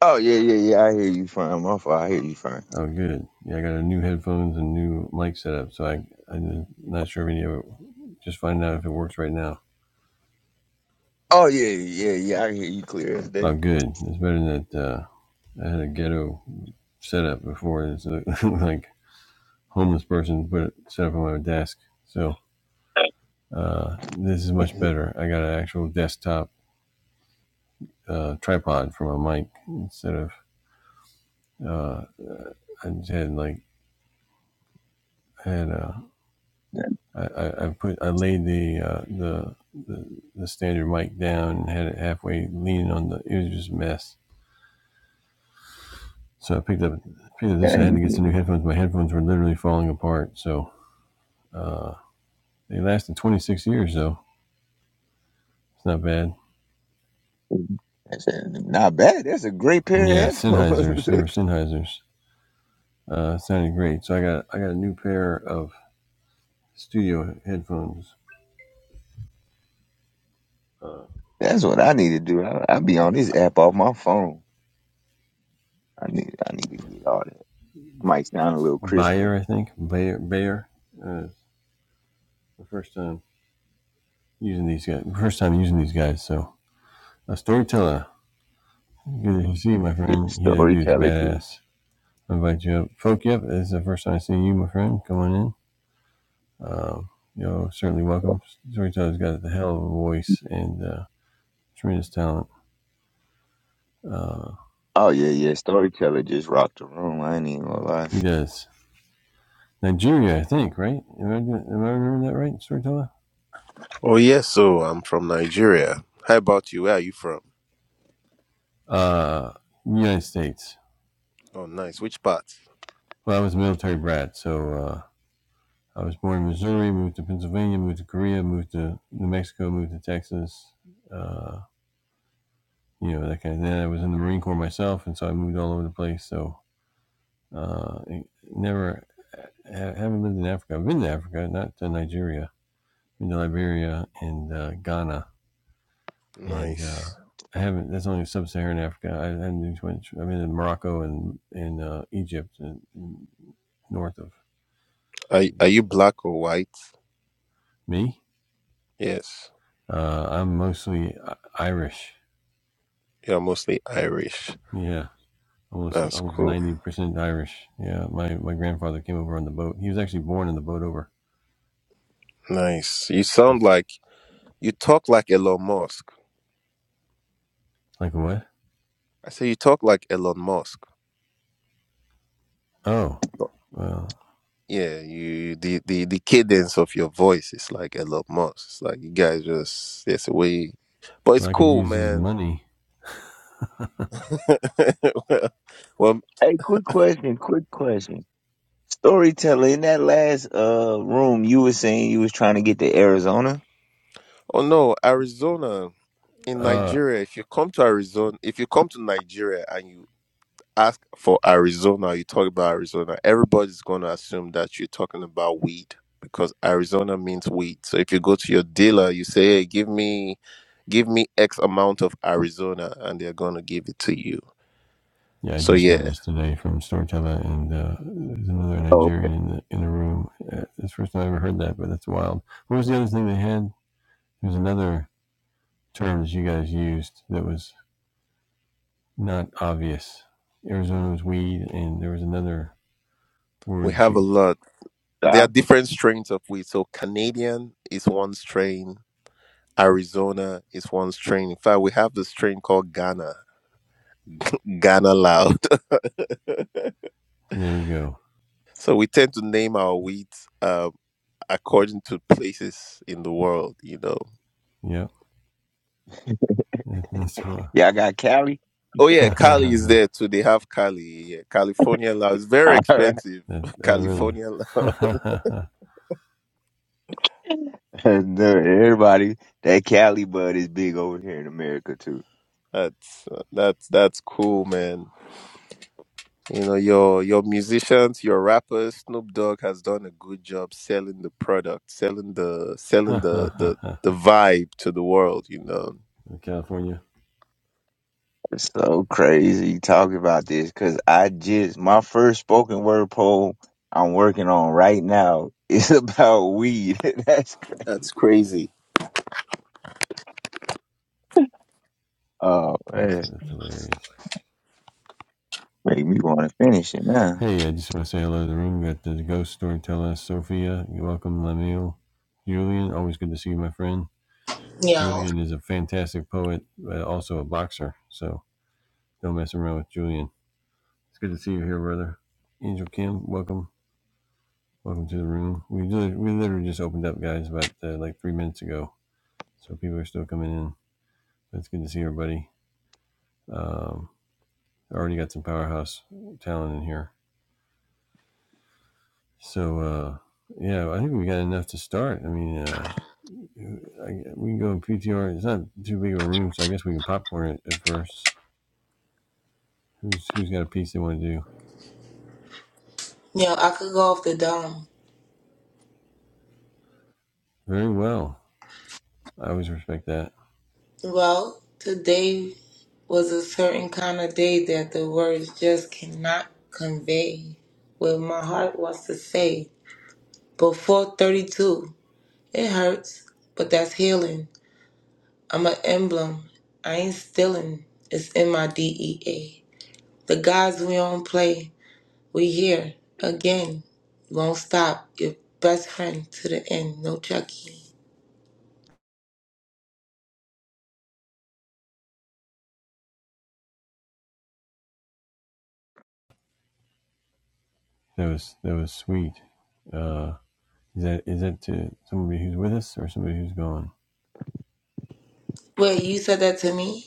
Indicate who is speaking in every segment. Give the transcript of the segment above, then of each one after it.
Speaker 1: Oh yeah, yeah, yeah. I hear you fine. My fault. I hear you fine. Oh yeah, yeah, yeah. I hear you clear as day. Yeah, you do. That's a, not bad. That's a great pair of headphones. That's what I need to do. I, I be on this app off my phone. I need, I need to get all that. Might sound a little crisper. Yeah, storyteller did. Oh yeah, yeah. Storyteller just rocked the room. I ain't even gonna lie.
Speaker 2: Oh yes, so I'm from Nigeria. How about you? Where are you from? Oh nice. Which part? Nice. Are are you black or white? Yes. You're mostly Irish. That's cool. Nice. You sound like you talk like Elon Musk. I say you talk like Elon Musk. No. Yeah, you the, the the cadence of your voice is like Elon Musk. It's like you guys just there's a way but it's cool, man. well, well,
Speaker 1: Hey, quick question, quick question. Storyteller, in that last uh room, you were saying you was trying to get to Arizona.
Speaker 2: oh no, Arizona. in Nigeria, if you come to Arizona, if you come to Nigeria and you ask for Arizona, you talk about Arizona, everybody's going to assume that you're talking about weed because Arizona means weed. So if you go to your dealer, you say, "Hey, give me give me X amount of Arizona," and they're going to give it to you. So yeah, we have a lot. There
Speaker 1: Uh,
Speaker 2: are different strains of weed. So Canadian is one strain. Arizona is one strain. In fact, we have the strain called Ghana, Ghana Loud. So we tend to name our wheat um, according to places in the world, you know.
Speaker 1: y'all got Cali?
Speaker 2: Oh yeah, Cali is there too. They have Cali, yeah. California love. It's very
Speaker 1: I heard
Speaker 2: expensive. California love.
Speaker 1: no, everybody that Cali bud is big over here in America too.
Speaker 2: That's that's that's cool, man. You know your your musicians, your rappers. Snoop Dogg has done a good job selling the product, selling the selling the the the vibe to the world. You know,
Speaker 1: It's so crazy you talking about this because I just my first spoken word poem I'm working on right now is about weed. That's crazy.
Speaker 2: that's crazy.
Speaker 1: Oh man, make me want to finish it now.
Speaker 3: Yo, yo, I could go off the dome. Well, today was a certain kind of day that the words just cannot convey what my heart wants to say. Before 32, it hurts, but that's healing. I'm an emblem. I ain't stealing. It's in my DEA. The guys we don't play, we here again. Won't stop. Your best friend to the end. No Chucky. Wait, you said that to me?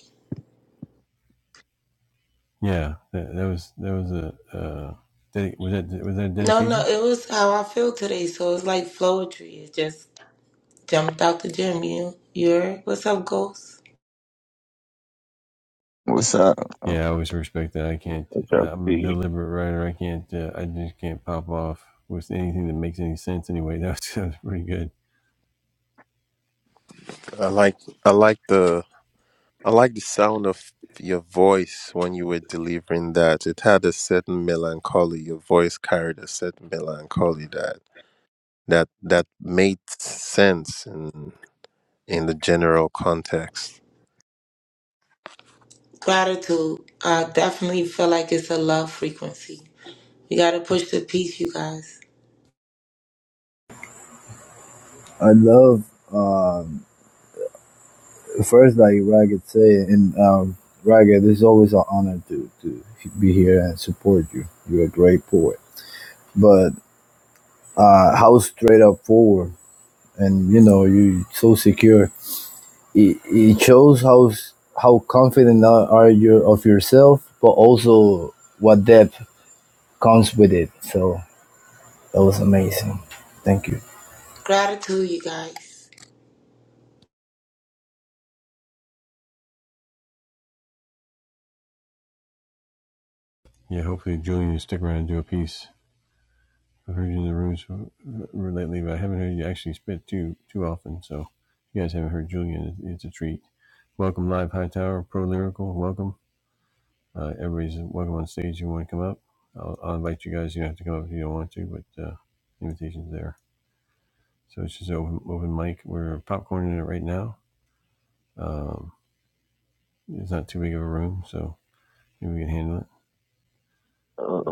Speaker 3: No, no, it was how I feel today. So it's like poetry. It just jumped out the gym. You, you're what's up, Ghost?
Speaker 1: What's up? Uh, What's up, Steve?
Speaker 2: I like I like the I like the sound of your voice when you were delivering that. It had a certain melancholy. Your voice carried a certain melancholy that that that made sense in in the general context.
Speaker 3: Gratitude. I definitely feel like it's a love frequency. We gotta push the peace, you guys.
Speaker 4: I love um, first like what I could say and um, Raga, This is always an honor to to be here and support you. You're a great poet, but uh, how straight up forward and you know you so secure. It, it shows how how confident are are you of yourself, but also what depth comes with it. So that was amazing. Thank you.
Speaker 3: Gratitude, you guys.
Speaker 1: Uh,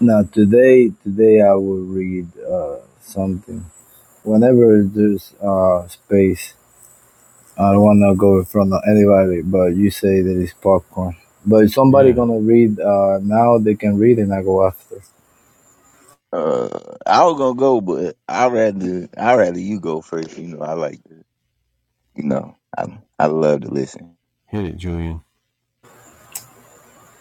Speaker 4: Now today today I will read uh, something. whenever there's uh space, I don't wanna go in front of anybody. But you say that it's popcorn. But if somebody gonna read uh now, they can read and I go after.
Speaker 1: uh, I was gonna go, but I rather I rather you go first. You know, I like you know I I love to listen.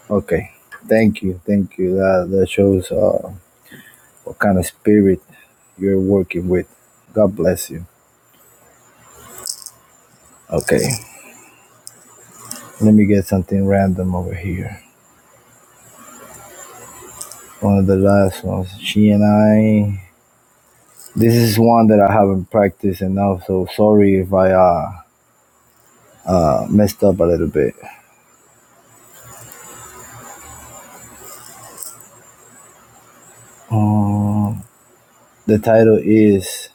Speaker 4: Okay, thank you, thank you. That that shows uh what kind of spirit you're working with. God bless you. Okay, let me get something random over here. One of the last ones. She and I. This is one that I haven't practiced enough, so sorry if I uh, uh messed up a little bit. Um, The title is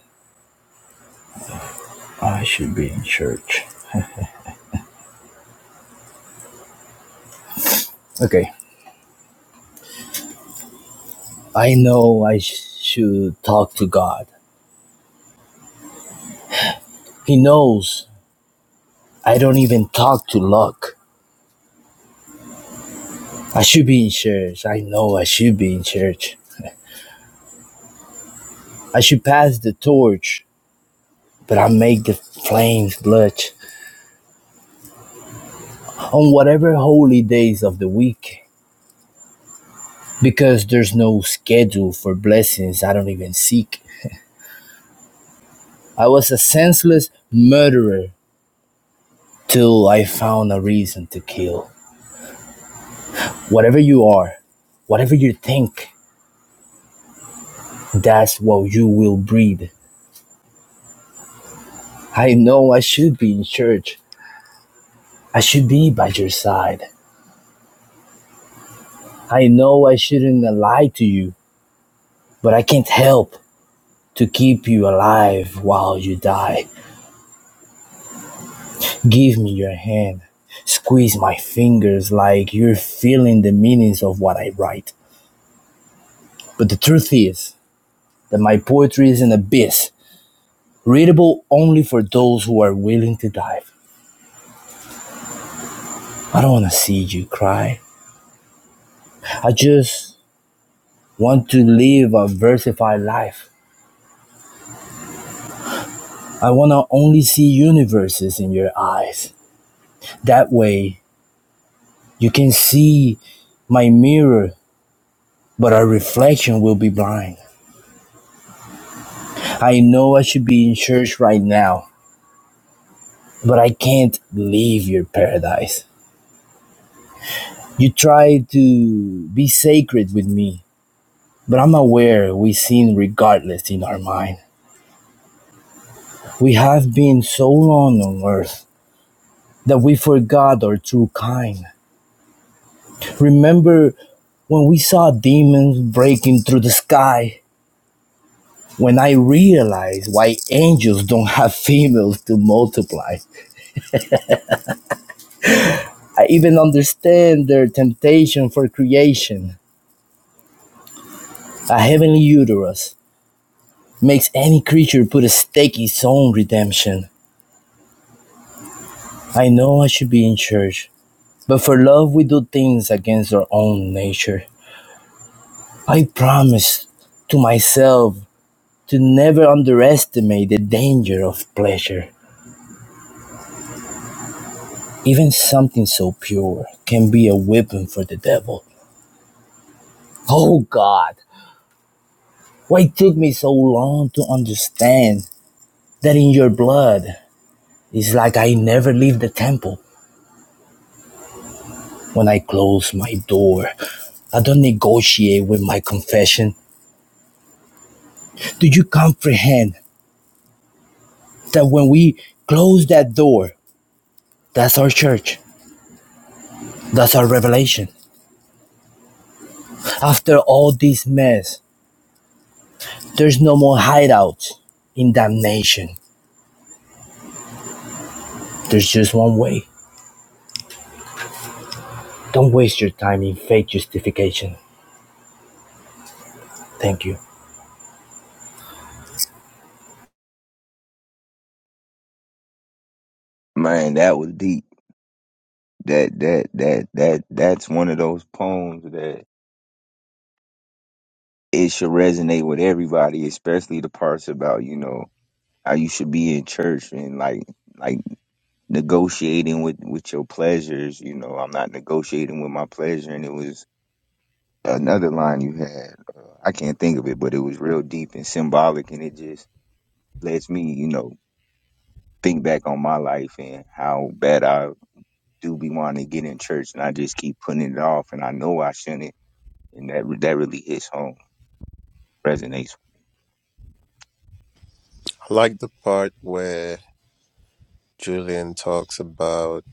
Speaker 4: "Oh, I should be in church. Okay. I know I sh- should talk to God. He knows I don't even talk to luck. I should be in church. I know I should be in church. I should pass the torch, but I make the flames blush on whatever holy days of the week because there's no schedule for blessings I don't even seek. I was a senseless murderer till I found a reason to kill. Whatever you are, whatever you think, that's what you will breathe. I know I should be in church. I should be by your side. I know I shouldn't lie to you, but I can't help to keep you alive while you die. Give me your hand. Squeeze my fingers like you're feeling the meanings of what I write. But the truth is that my poetry is an abyss, readable only for those who are willing to dive. I don't want to see you cry. I just want to live a versified life. I want to only see universes in your eyes. That way, you can see my mirror, but our reflection will be blind. I know I should be in church right now, but I can't leave your paradise. You try to be sacred with me, but I'm aware we sin regardless in our mind. We have been so long on earth that we forgot our true kind. Remember when we saw demons breaking through the sky? When I realized why angels don't have females to multiply, I even understand their temptation for creation. A heavenly uterus makes any creature put a stake in its own redemption. I know I should be in church, but for love we do things against our own nature. I promise to myself to never underestimate the danger of pleasure. Even something so pure can be a weapon for the devil. Oh God, why took me so long to understand that in your blood is like I never leave the temple. When I close my door, I don't negotiate with my confession. Do you comprehend that when we close that door, that's our church, that's our revelation? After all this mess, there's no more hideouts in damnation. There's just one way Don't waste your time in fake justification. Thank you.
Speaker 1: Man, that was deep. That that that that that's one of those poems that it should resonate with everybody, especially the parts about, you know, how you should be in church and like like negotiating with with your pleasures, you know, I'm not negotiating with my pleasure and it was another line you had. Uh, I can't think of it, but it was real deep and symbolic and it just lets me, you know, think back on my life and how bad I do be wanting to get in church and I just keep putting it off and I know I shouldn't and that that really hits home, resonates.
Speaker 2: I like the part where Julian talks about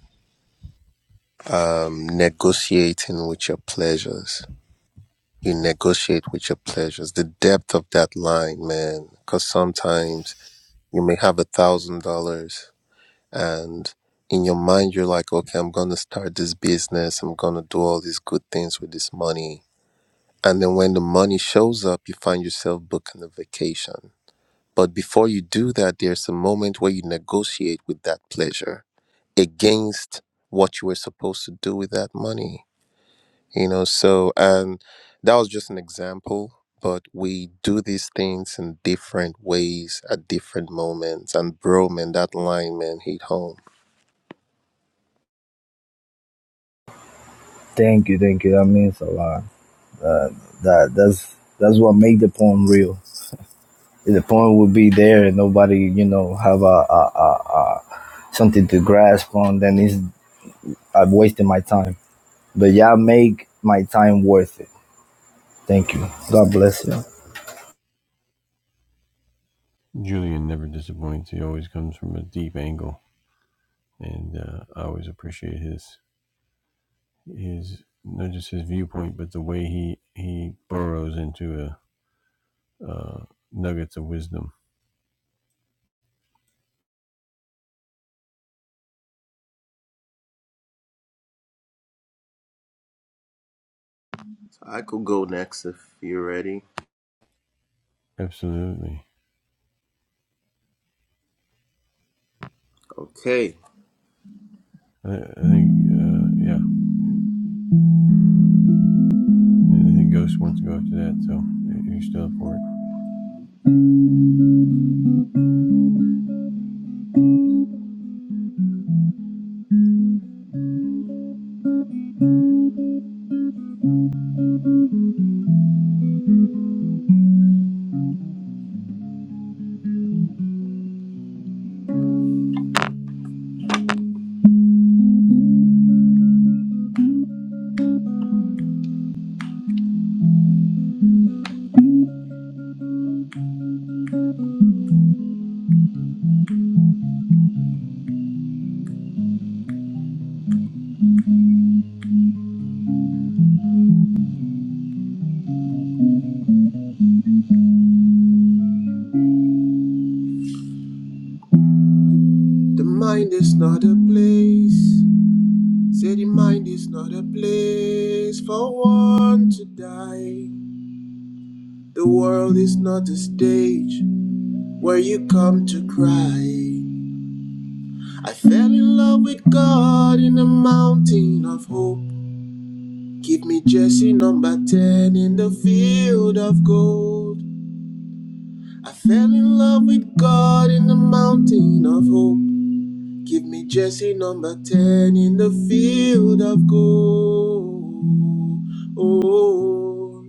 Speaker 2: um, negotiating with your pleasures. You negotiate with your pleasures. The depth of that line, man, because sometimes you may have a thousand dollars and in your mind you're like okay i'm gonna start this business i'm gonna do all these good things with this money and then when the money shows up you find yourself booking a vacation but before you do that there's a moment where you negotiate with that pleasure against what you were supposed to do with that money you know so and that was just an example but we do these things in different ways at different moments and bro man that line man hit home
Speaker 4: Thank you, thank you. That means a lot. Uh, that that's that's what make the poem real. If The poem would be there, and nobody, you know, have a, a, a, a something to grasp on. Then it's I've wasted my time. But y'all make my time worth it. Thank you. God bless you.
Speaker 2: I could go next if you're ready. Okay. The mind is not a place. Say the mind is not a place for one to die. The world is not a stage where you come to cry. I fell in love with God in a mountain of hope. Give me jersey number 10 in the field of gold. I fell in love with God in the mountain of hope. Give me Jesse number 10 in the field of gold. Oh,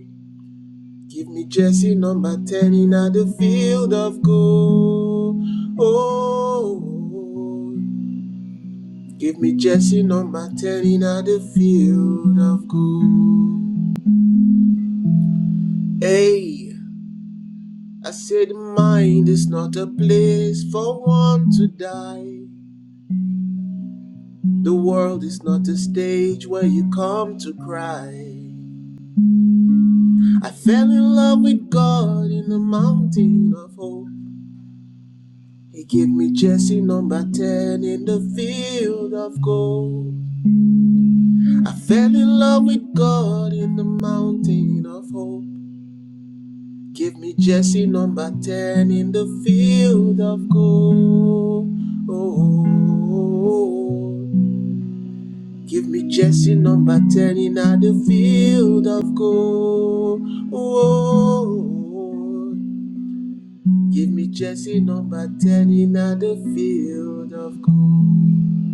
Speaker 2: give me Jesse number 10 in the field of gold. Oh, give me Jesse number 10 in the field of gold. Hey, I said mind is not a place for one to die. The world is not a stage where you come to cry. I fell in love with God in the mountain of hope. He gave me Jesse number 10 in the field of gold. I fell in love with God in the mountain of hope. Give me Jesse number 10 in the field of gold. Oh, Give me Jesse number 10 in the field of gold. Oh. Give me jersey number 10 in the field of gold.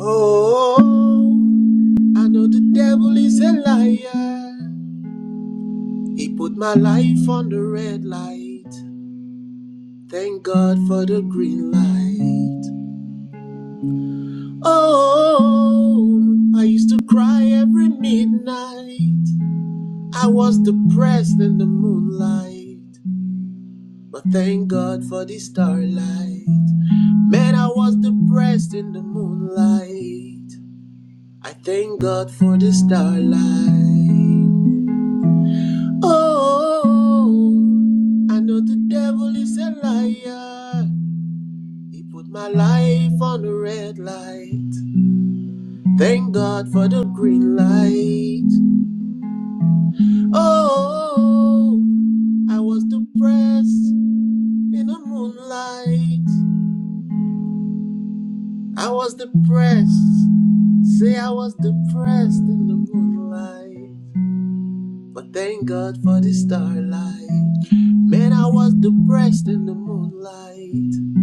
Speaker 2: Oh, I know the devil is a liar. He put my life on the red light. Thank God for the green light. Oh, I used to cry every midnight. I was depressed in the moonlight. But thank God for the starlight. Man, I was depressed in the moonlight. I thank God for the starlight. Oh, I know the devil is a liar. He put my life on the red light. Thank God for the green light. Oh, I was depressed in the moonlight. I was depressed. Say I was depressed in the moonlight. But thank God for the starlight. Man, I was depressed in the moonlight.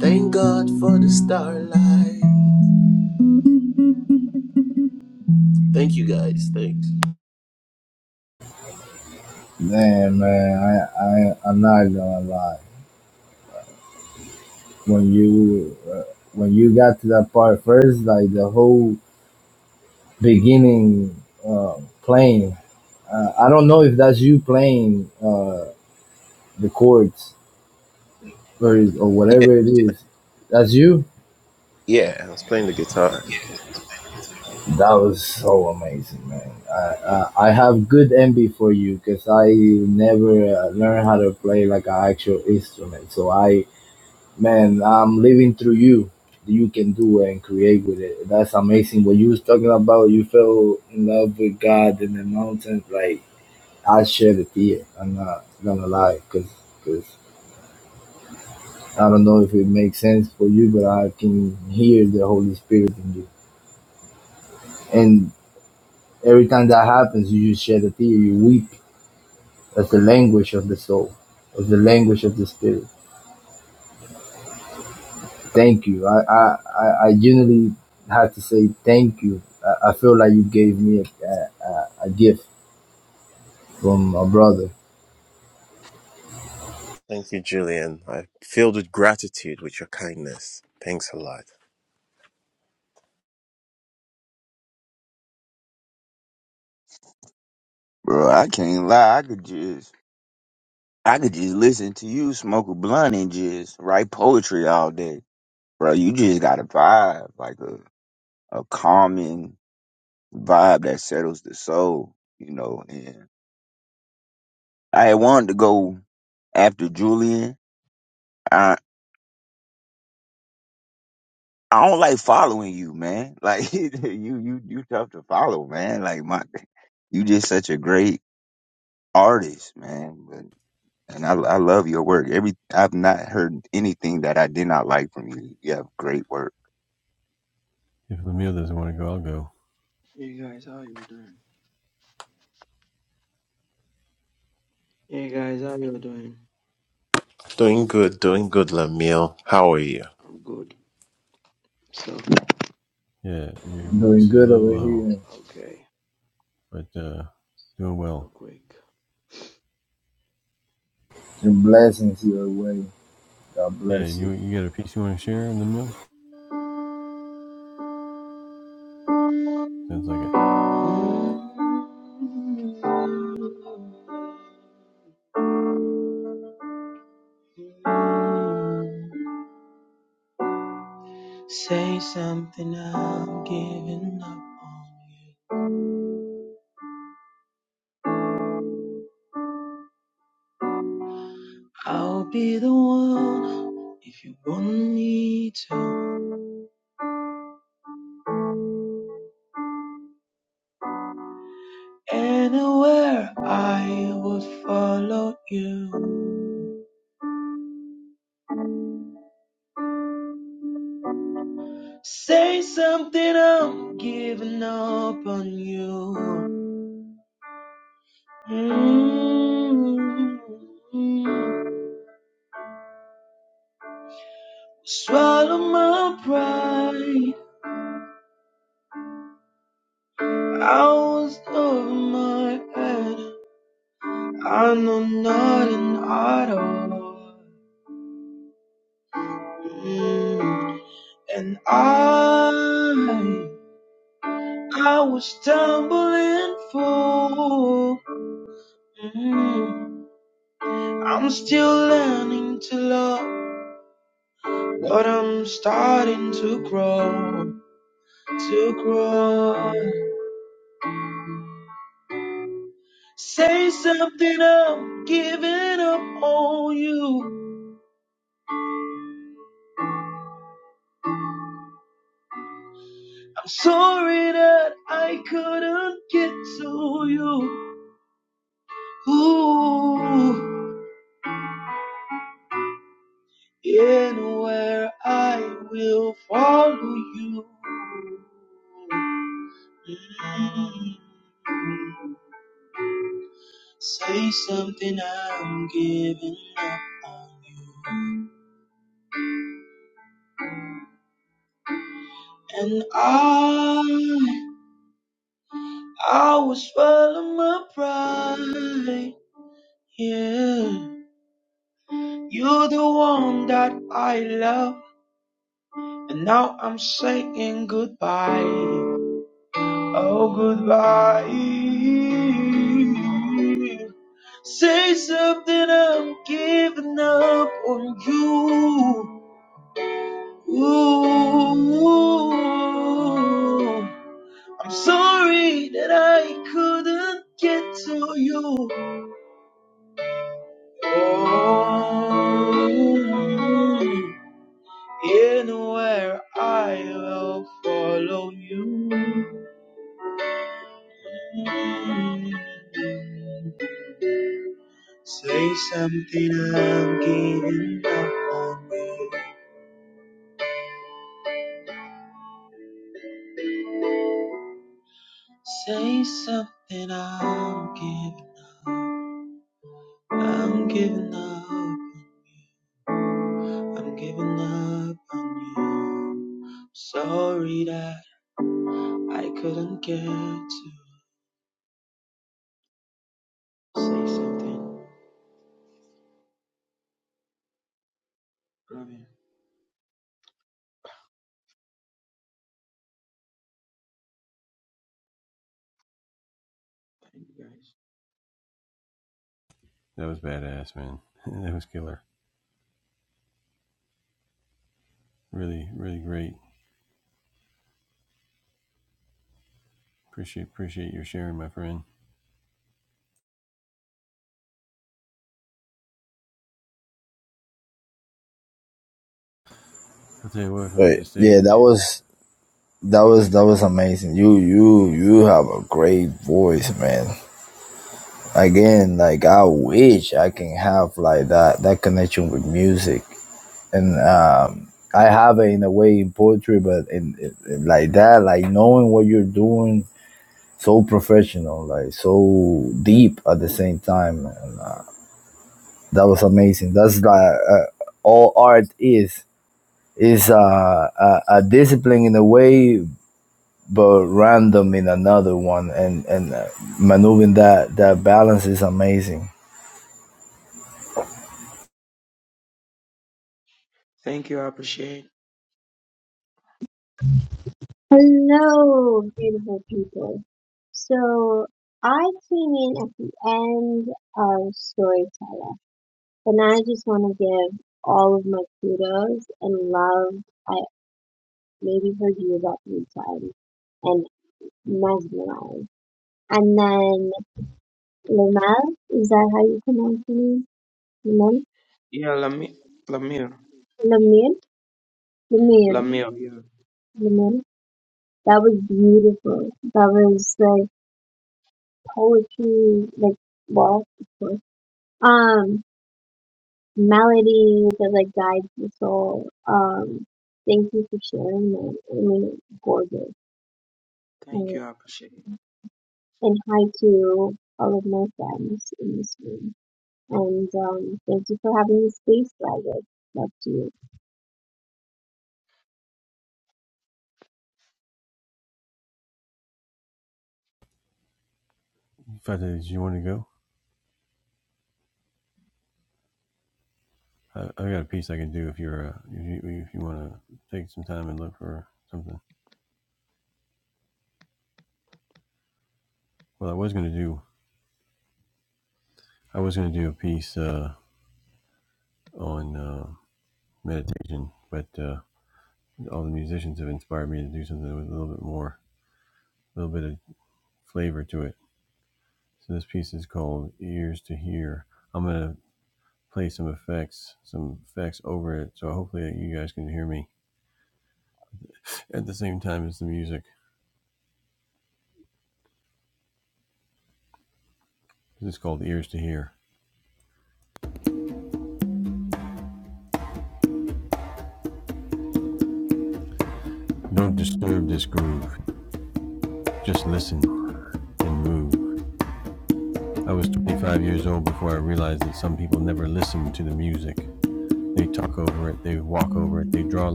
Speaker 2: Thank God for the starlight. Thank you guys. Thanks.
Speaker 4: Man, man, I, I I'm not gonna lie. When you uh, when you got to that part first, like the whole beginning uh, playing. Uh, I don't know if that's you playing uh, the chords or is, or
Speaker 2: Yeah,
Speaker 4: whatever it is. That's you.
Speaker 2: yeah, I was playing the guitar.
Speaker 4: That was so amazing, man. I I, I have good envy for you because I never uh, learned how to play like an actual instrument. So I, man, I'm living through you. You can do it and create with it. That's amazing. What you was talking about, you fell in love with God in the mountain, like I share the fear. I'm not gonna lie, cause, 'cause I am not going to lie because because i do not know if it makes sense for you, but I can hear the Holy Spirit in you. And every time that happens, you just share the fear. You weep. That's the language of the soul. That's the language of the spirit. Thank you. I I I, I genuinely have to say thank you. I, I feel like you gave me a, a, a a gift from a brother.
Speaker 2: Thank you, Julian. I filled with gratitude with your kindness. Thanks a lot.
Speaker 1: Bro, I can't lie. I could just, I could just listen to you smoke a blunt and just write poetry all day, bro. You just got a vibe, like a, a calming vibe that settles the soul, you know. And I had wanted to go after Julian. I, I don't like following you, man. Like you, you, you tough to follow, man. Like my, you just such a great artist, man. and I, I love your work. Every I've not heard anything that I did not like from you. You have great work.
Speaker 5: Hey guys, how you doing? Hey guys, how you doing?
Speaker 2: Doing good, doing good, Lamiel. How are you?
Speaker 5: I'm good. So
Speaker 4: Doing good over here.
Speaker 5: okay, real quick.
Speaker 4: Your blessings your way. God bless you.
Speaker 5: Say something, I'm giving up on you. I'll be the one if you want me to. Anywhere I would follow you. Say something, I'm giving up on you. Mm, Swallow my pride. I was over my head. I know not an idol. mm, And I, I was stumbling for. Mm, I'm still learning to love, but I'm starting to grow, to grow. Say something, I'm giving up on you. I'm sorry that I couldn't get to you. Ooh, anywhere I will follow you. Mm. Say something, I'm giving up on you. And I, I was swallow my pride. Yeah. You're the one that I love, and now I'm saying goodbye. Oh, goodbye. Say something, I'm giving up on you. Ooh. I'm sorry that I couldn't get to you. Oh. Anywhere I will follow you. Say something, I'm giving up on you. Say something, I'm giving up. I'm giving up. I'm giving up on you. Sorry that I couldn't get to say something. Love you. Thank you guys.
Speaker 4: Right. Yeah, that was That was that was amazing. You you you have a great voice, man. Again, like I wish I can have like that that connection with music, and um, I have it in a way in poetry, but in, in like that, like knowing what you're doing, so professional, like so deep at the same time. And, uh, that was amazing. That's like uh, all art is is uh, a, a discipline in a way, but random in another one and and uh, maneuvering that that balance is amazing
Speaker 5: Thank you. I appreciate.
Speaker 6: Hello, beautiful people. So I came in at the end of Storyteller, and I just want to give all of my kudos and love. I maybe heard you about three times and mesmerized. And then Lamal, is that how you pronounce your name? Lamal?
Speaker 5: Yeah, Lamir. Lamir.
Speaker 6: Lamir? Lamir.
Speaker 5: Lamille, yeah.
Speaker 6: Lamir. That was beautiful. That was like poetry, like, well, of course. Um, melody that like guides the soul. Um, thank you for sharing that. I mean, it's gorgeous.
Speaker 5: Thank
Speaker 6: And,
Speaker 5: you, I appreciate it.
Speaker 6: and hi to all of my friends in this room. And um, thank you for having the space, Ragged. Love to you.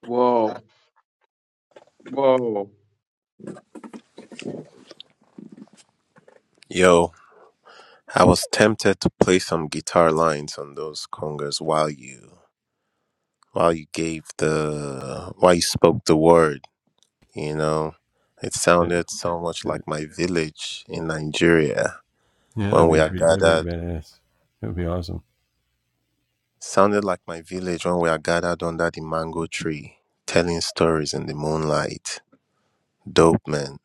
Speaker 5: Whoa, whoa.
Speaker 2: Yo. I was tempted to play some guitar lines on those congas while you while you gave the while you spoke the word, you know. It sounded so much like my village in Nigeria when we are gathered sounded like my village when we are gathered under the mango tree, telling stories in the moonlight. Dope man.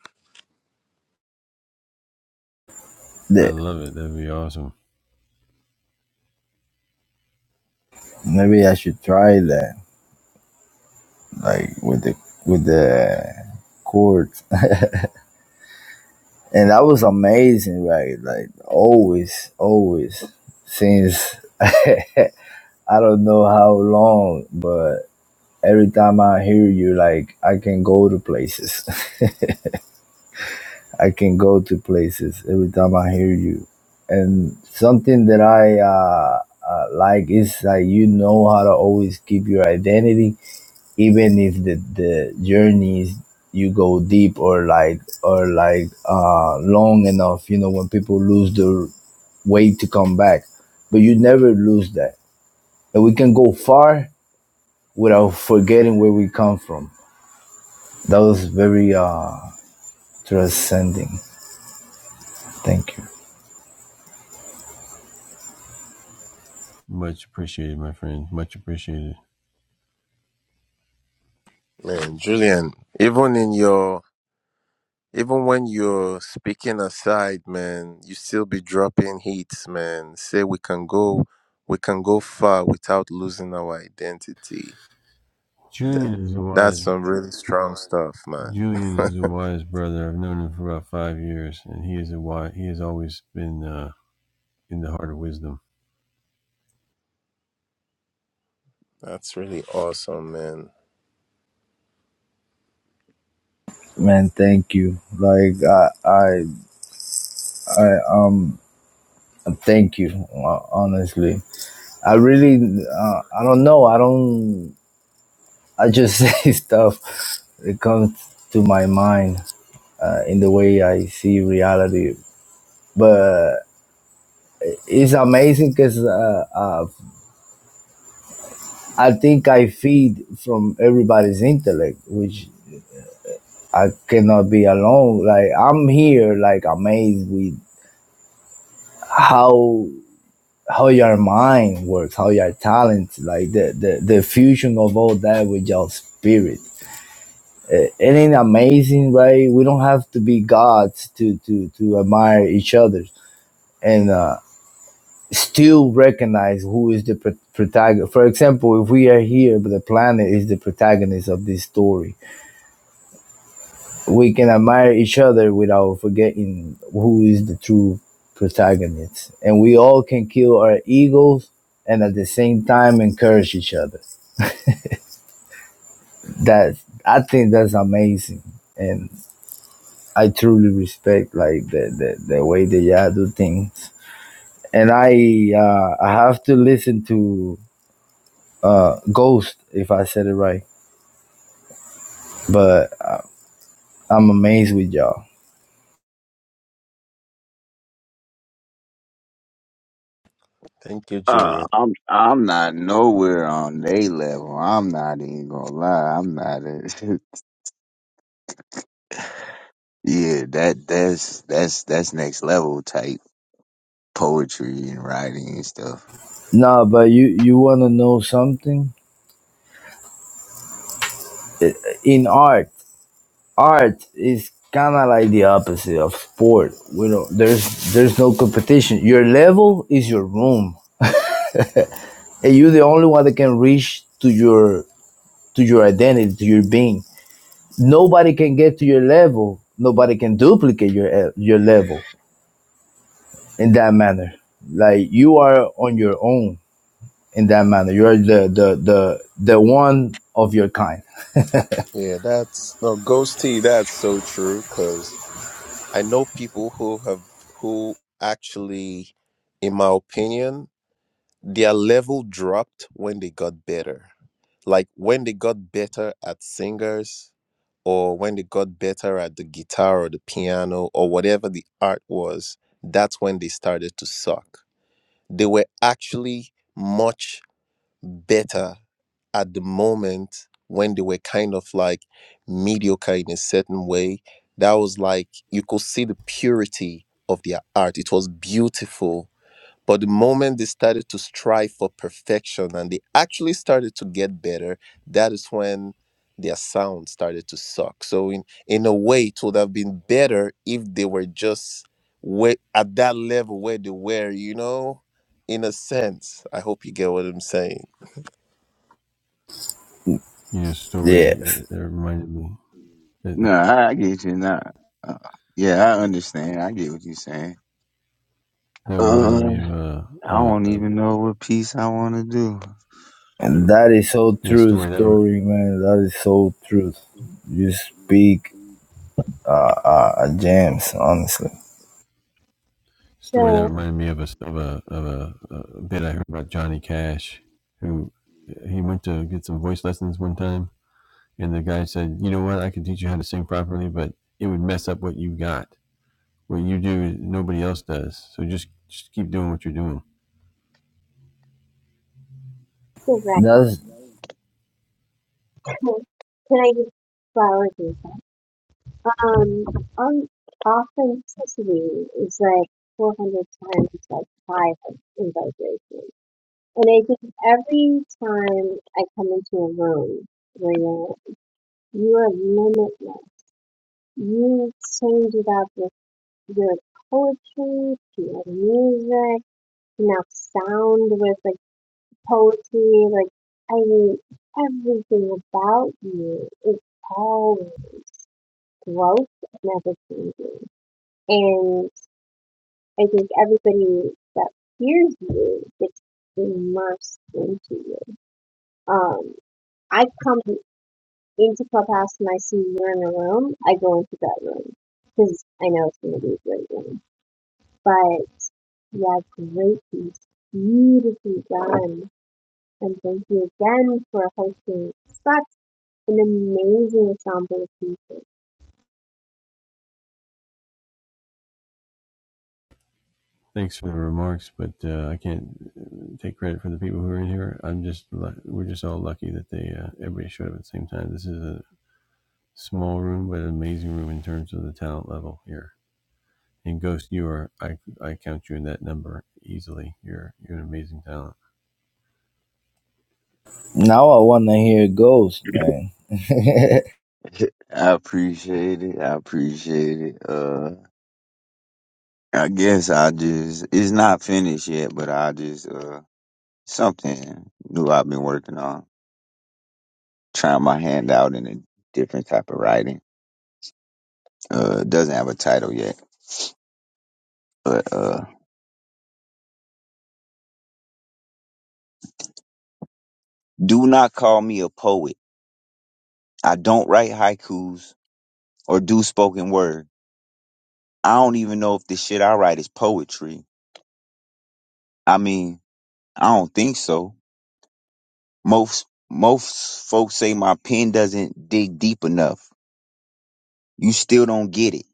Speaker 4: that maybe i should try that like with the with the chords and that was amazing right like always always since i don't know how long but every time i hear you like i can go to places I can go to places every time I hear you. And something that I uh, uh, like is that you know how to always keep your identity, even if the, the journeys you go deep or like or like uh, long enough. You know when people lose their way to come back, but you never lose that, and we can go far without forgetting where we come from. That was very uh, transcending. Thank you.
Speaker 2: Man, Julian, even in your Even when you're speaking aside, man, you still be dropping hits, man. Say we can go, we can go far without losing our identity. Tha- That's some really strong stuff, man. That's really awesome, man.
Speaker 4: Man, thank you. Like I, I, I um, thank you. uh, Honestly, I really, uh, I don't know. I don't. I just say stuff that comes to my mind uh, in the way I see reality. But it's amazing because uh, uh, I think I feed from everybody's intellect, which I cannot be alone. Like I'm here, like amazed with how how your mind works, how your talent, like the, the, the fusion of all that with your spirit. It ain't amazing, right? We don't have to be gods to to to admire each other and uh, still recognize who is the pro- protagonist. For example, if we are here, but the planet is the protagonist of this story, we can admire each other without forgetting who is the true protagonist, and we all can kill our egos and at the same time encourage each other. that I think that's amazing, and I truly respect like the the, the way that y'all do things. And I uh, I have to listen to uh, Ghost if I said it right, but I, I'm amazed with y'all.
Speaker 2: Thank you,
Speaker 1: Uh,
Speaker 2: Julian.
Speaker 1: I'm I'm not nowhere on they level. I'm not even gonna lie. I'm not. A, yeah, that that's that's that's next level type poetry and writing and stuff.
Speaker 4: No, but you you want to know something in art? Art is kind of like the opposite of sport. We don't there's there's no competition. Your level is your room, and you're the only one that can reach to your to your identity, to your being. Nobody can get to your level. Nobody can duplicate your your level in that manner. Like you are on your own in that manner. You are the the the the one of your kind.
Speaker 2: Yeah, that's no ghosty. That's so true. Cause I know people who have who actually, in my opinion, their level dropped when they got better. like when they got better at singers or when they got better at the guitar or the piano or whatever the art was, that's when they started to suck. They were actually much better at the moment when they were kind of like mediocre in a certain way. That was like you could see the purity of their art. It was beautiful but the moment they started to strive for perfection and they actually started to get better, that is when their sound started to suck. So in in a way, it would have been better if they were just where, at that level where they were, you know, in a sense. I hope you get what I'm saying.
Speaker 4: Yes,
Speaker 1: No, I, I get you. Not. Uh, yeah, I understand. I get what you're saying. Uh, I don't even know what piece I want to
Speaker 4: and
Speaker 1: do.
Speaker 4: that is so true, story man. That is so true. You speak uh, uh, uh, gems, honestly.
Speaker 6: So, so
Speaker 4: That's
Speaker 6: can I just flower this? Um, on authenticity is like 400 times like high in vibration. And I think every time I come into a room where you're, you are limitless, you change it up with your poetry, to your music, now sound with like poetry, like I mean, everything about you is always growth and ever changing. And I think everybody that hears you gets immersed into you. Um, I come Eight o'clock past and I see you're in a room, I go into that room because I know it's going to be a great room. But yeah, great piece, beautifully done, and thank you again for hosting such an amazing ensemble of people.
Speaker 4: now I wanna hear ghosts, man.
Speaker 1: I appreciate it. I appreciate it. Uh. I guess I just it's not finished yet, but I just uh something new I've been working on. Trying my hand out in a different type of writing. Uh doesn't have a title yet. But uh do not call me a poet. I don't write haikus or do spoken word. I don't even know if the shit I write is poetry. I mean, I don't think so. Most most folks say my pen doesn't dig deep enough. You still don't get it.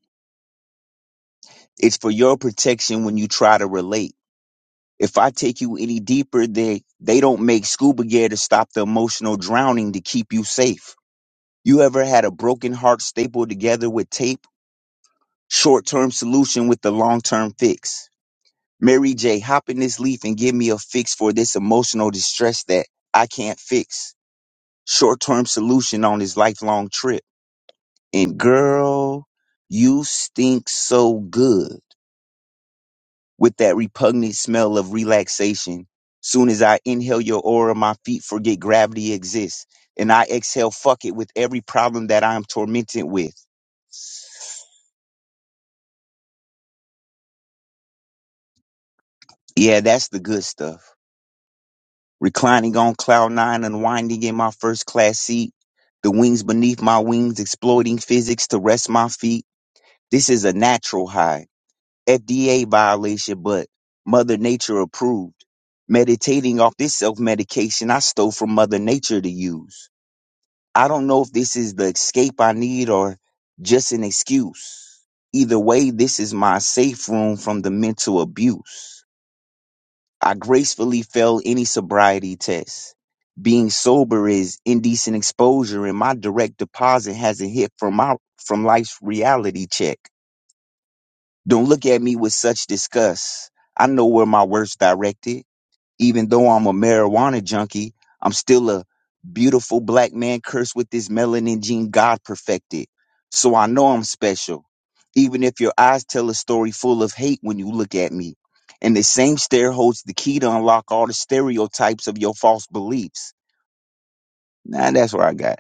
Speaker 1: It's for your protection when you try to relate. If I take you any deeper, they they don't make scuba gear to stop the emotional drowning to keep you safe. You ever had a broken heart stapled together with tape? Short-term solution with the long-term fix. Mary J, hop in this leaf and give me a fix for this emotional distress that I can't fix. Short-term solution on this lifelong trip. And girl, you stink so good. with that repugnant smell of relaxation. Soon as I inhale your aura, my feet forget gravity exists, and I exhale fuck it with every problem that I am tormented with. Yeah, that's the good stuff. Reclining on cloud nine, unwinding in my first class seat, the wings beneath my wings, exploiting physics to rest my feet. This is a natural high, FDA violation, but Mother Nature approved. Meditating off this self medication I stole from Mother Nature to use I don't know if this is the escape I need or just an excuse. Either way, this is my safe room from the mental abuse. I gracefully fail any sobriety test. Being sober is indecent exposure and my direct deposit hasn't hit from my from life's reality check. Don't look at me with such disgust. I know where my worst directed even though I'm a marijuana junkie, I'm still a beautiful black man cursed with this melanin gene God perfected. So I know I'm special. Even if your eyes tell a story full of hate when you look at me. And the same stare holds the key to unlock all the stereotypes of your false beliefs. Nah, that's what I got.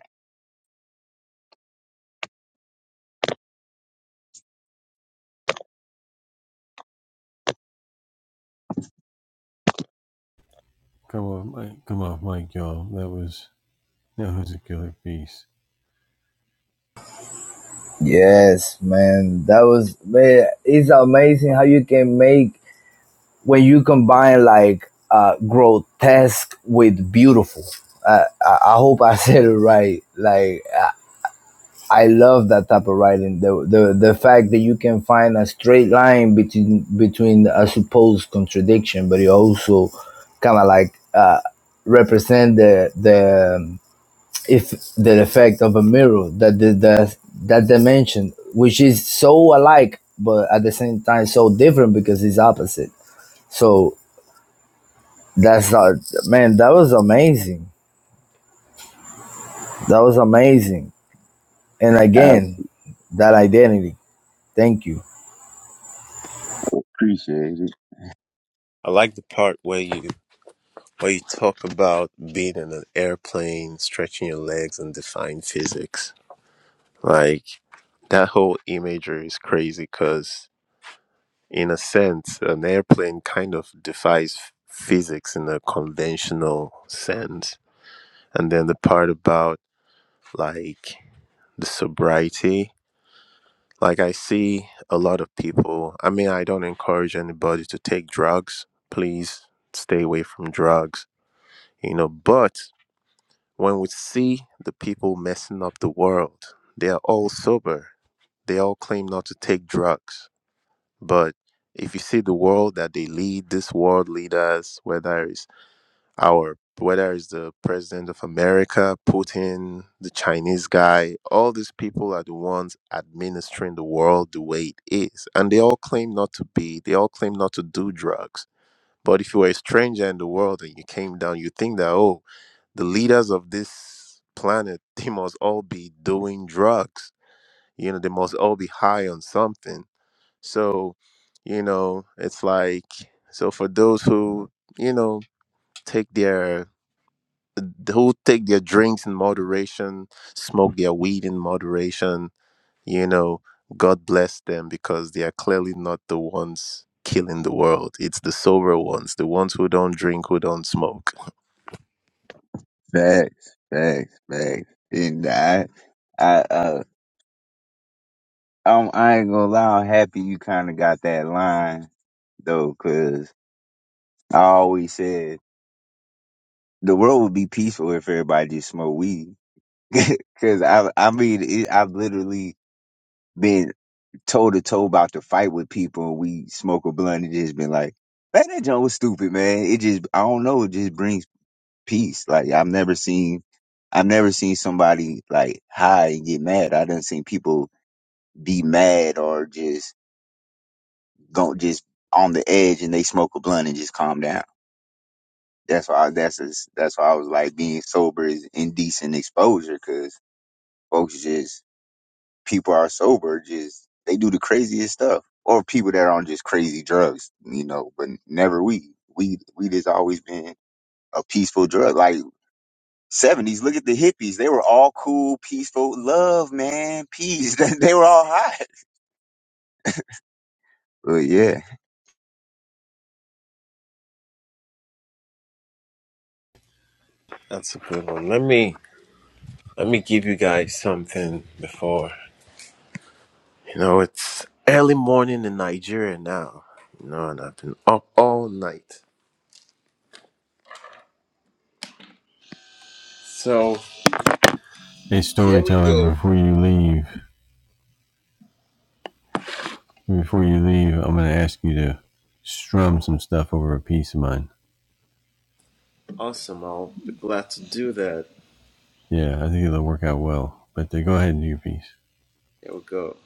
Speaker 4: Yes, man. That was man, it's amazing how you can make when you combine like uh grotesque with beautiful. Uh, I, I hope I said it right. Like I, I love that type of writing. The, the the fact that you can find a straight line between between a supposed contradiction, but it also kind of like uh represent the the if the effect of a mirror that the, the that dimension which is so alike but at the same time so different because it's opposite so that's not man that was amazing that was amazing and
Speaker 1: I
Speaker 4: again that identity thank you
Speaker 1: so appreciate it.
Speaker 2: I like the part where you where you talk about being in an airplane, stretching your legs and defying physics. Like that whole imagery is crazy because in a sense, an airplane kind of defies f- physics in a conventional sense. And then the part about like the sobriety, like I see a lot of people. I mean, I don't encourage anybody to take drugs. Please stay away from drugs, you know. But when we see the people messing up the world, they are all sober. They all claim not to take drugs But if you see the world that they lead, this world leaders, whether it's our whether it's the president of America, Putin, the Chinese guy, all these people are the ones administering the world the way it is. And they all claim not to be, they all claim not to do drugs. But if you were a stranger in the world and you came down, you think that, oh, the leaders of this planet, they must all be doing drugs. You know, they must all be high on something so, you know, it's like so for those who, you know, take their who take their drinks in moderation, smoke their weed in moderation, you know, God bless them because they are clearly not the ones killing the world. It's the sober ones, the ones who don't drink, who don't smoke.
Speaker 1: Facts, facts, facts. And I, I, uh, I'm, I ain't gonna lie. I'm happy you kind of got that line though, 'cause I always said the world would be peaceful if everybody just smoked weed. Cause I, I mean, it, I've literally been toe to toe about to fight with people and we smoke a blunt and just been like, man, that joint was stupid, man. It just, I don't know. It just brings peace. Like I've never seen, I've never seen somebody like high and get mad. I done seen people be mad or just go, just on the edge and they smoke a blunt and just calm down. That's why that's is that's why I was like being sober is indecent exposure because folks just people are sober just they do the craziest stuff or people that are on just crazy drugs you know but never weed weed weed has always been a peaceful drug like seventies look at the hippies they were all cool peaceful love man peace they were all hot but yeah
Speaker 2: That's a good one. Let me let me give you guys something before. You know, it's early morning in Nigeria now. You know, and I've been up all night. So Here we go. awesome. I'll be glad to do that. Here we go.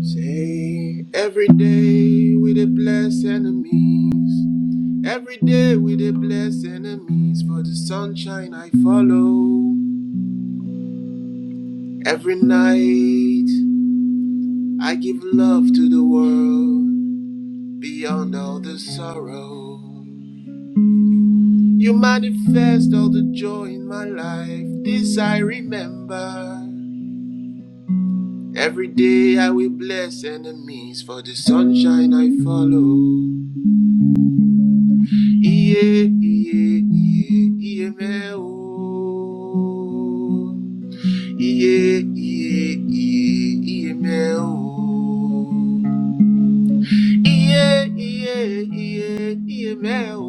Speaker 2: Say, every day we dey bless enemies. Every day we dey bless enemies. For the sunshine I follow. Every night I give love to the world. Beyond all the sorrow. You manifest all the joy in my life. This I remember. Every day I will bless enemies for the sunshine I follow. Iye, iye, iye, iye me o. Iye, iye, iye, iye me o. Iye, iye, iye, iye me o.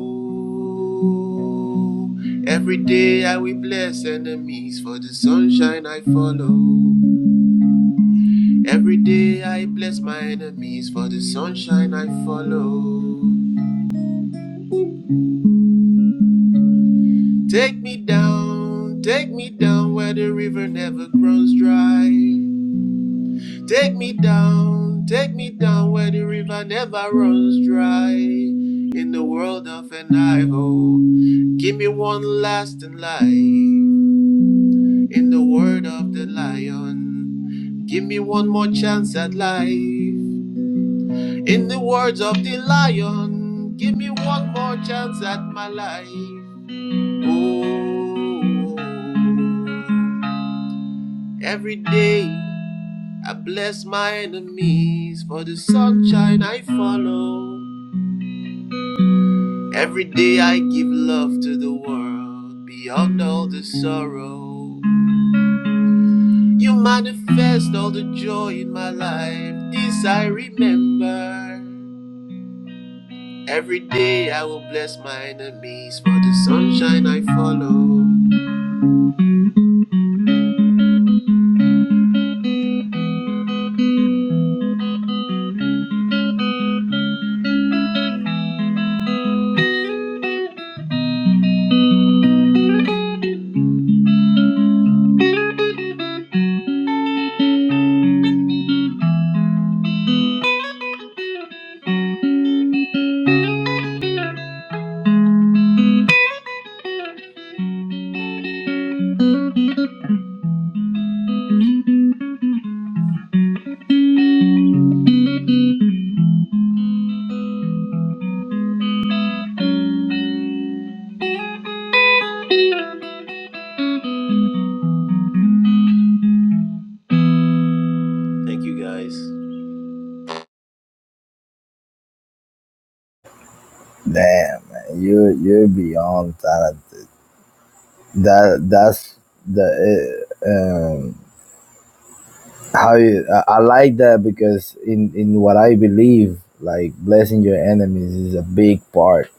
Speaker 2: Every day I will bless enemies for the sunshine I follow. Every day I bless my enemies for the sunshine I follow. Take me down, take me down where the river never grows dry. Take me down, take me down where the river never runs dry. In the world of an give me one lasting life. In the word of the lion, give me one more chance at life. In the words of the lion, give me one more chance at my life. Oh, every day I bless my enemies for the sunshine I follow. Every day I give love to the world beyond all the sorrow. You manifest all the joy in my life, this I remember. Every day I will bless my enemies for the sunshine I follow. Thank you guys.
Speaker 4: damn man you you're beyond that that that's the uh, um how you, I, I like that because in in what i believe like blessing your enemies is a big part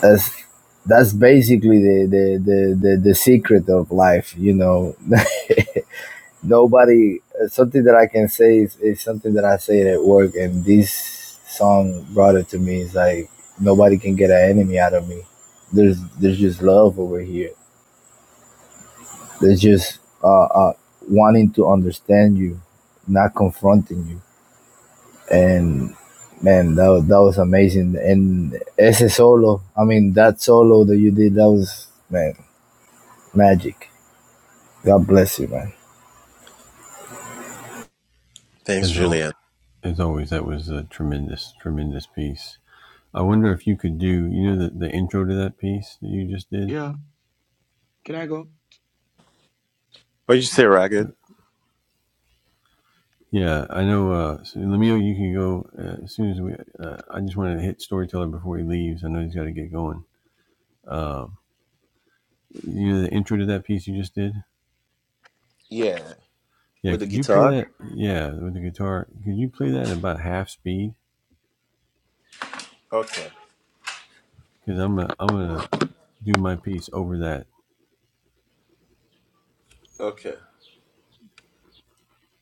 Speaker 4: that's that's basically the the the the, the secret of life you know nobody something that i can say is, is something that i say at work and this song brought it to me it's like nobody can get an enemy out of me there's there's just love over here there's just uh, uh wanting to understand you not confronting you and man that was, that was amazing and ese solo i mean that solo that you did that was man Magic. God bless you, man.
Speaker 2: Thanks, Julian.
Speaker 5: Yeah. Can I go?
Speaker 2: What did you say, Ragged? Yeah, with the guitar. Okay, okay.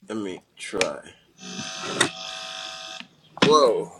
Speaker 2: Let me try. Whoa,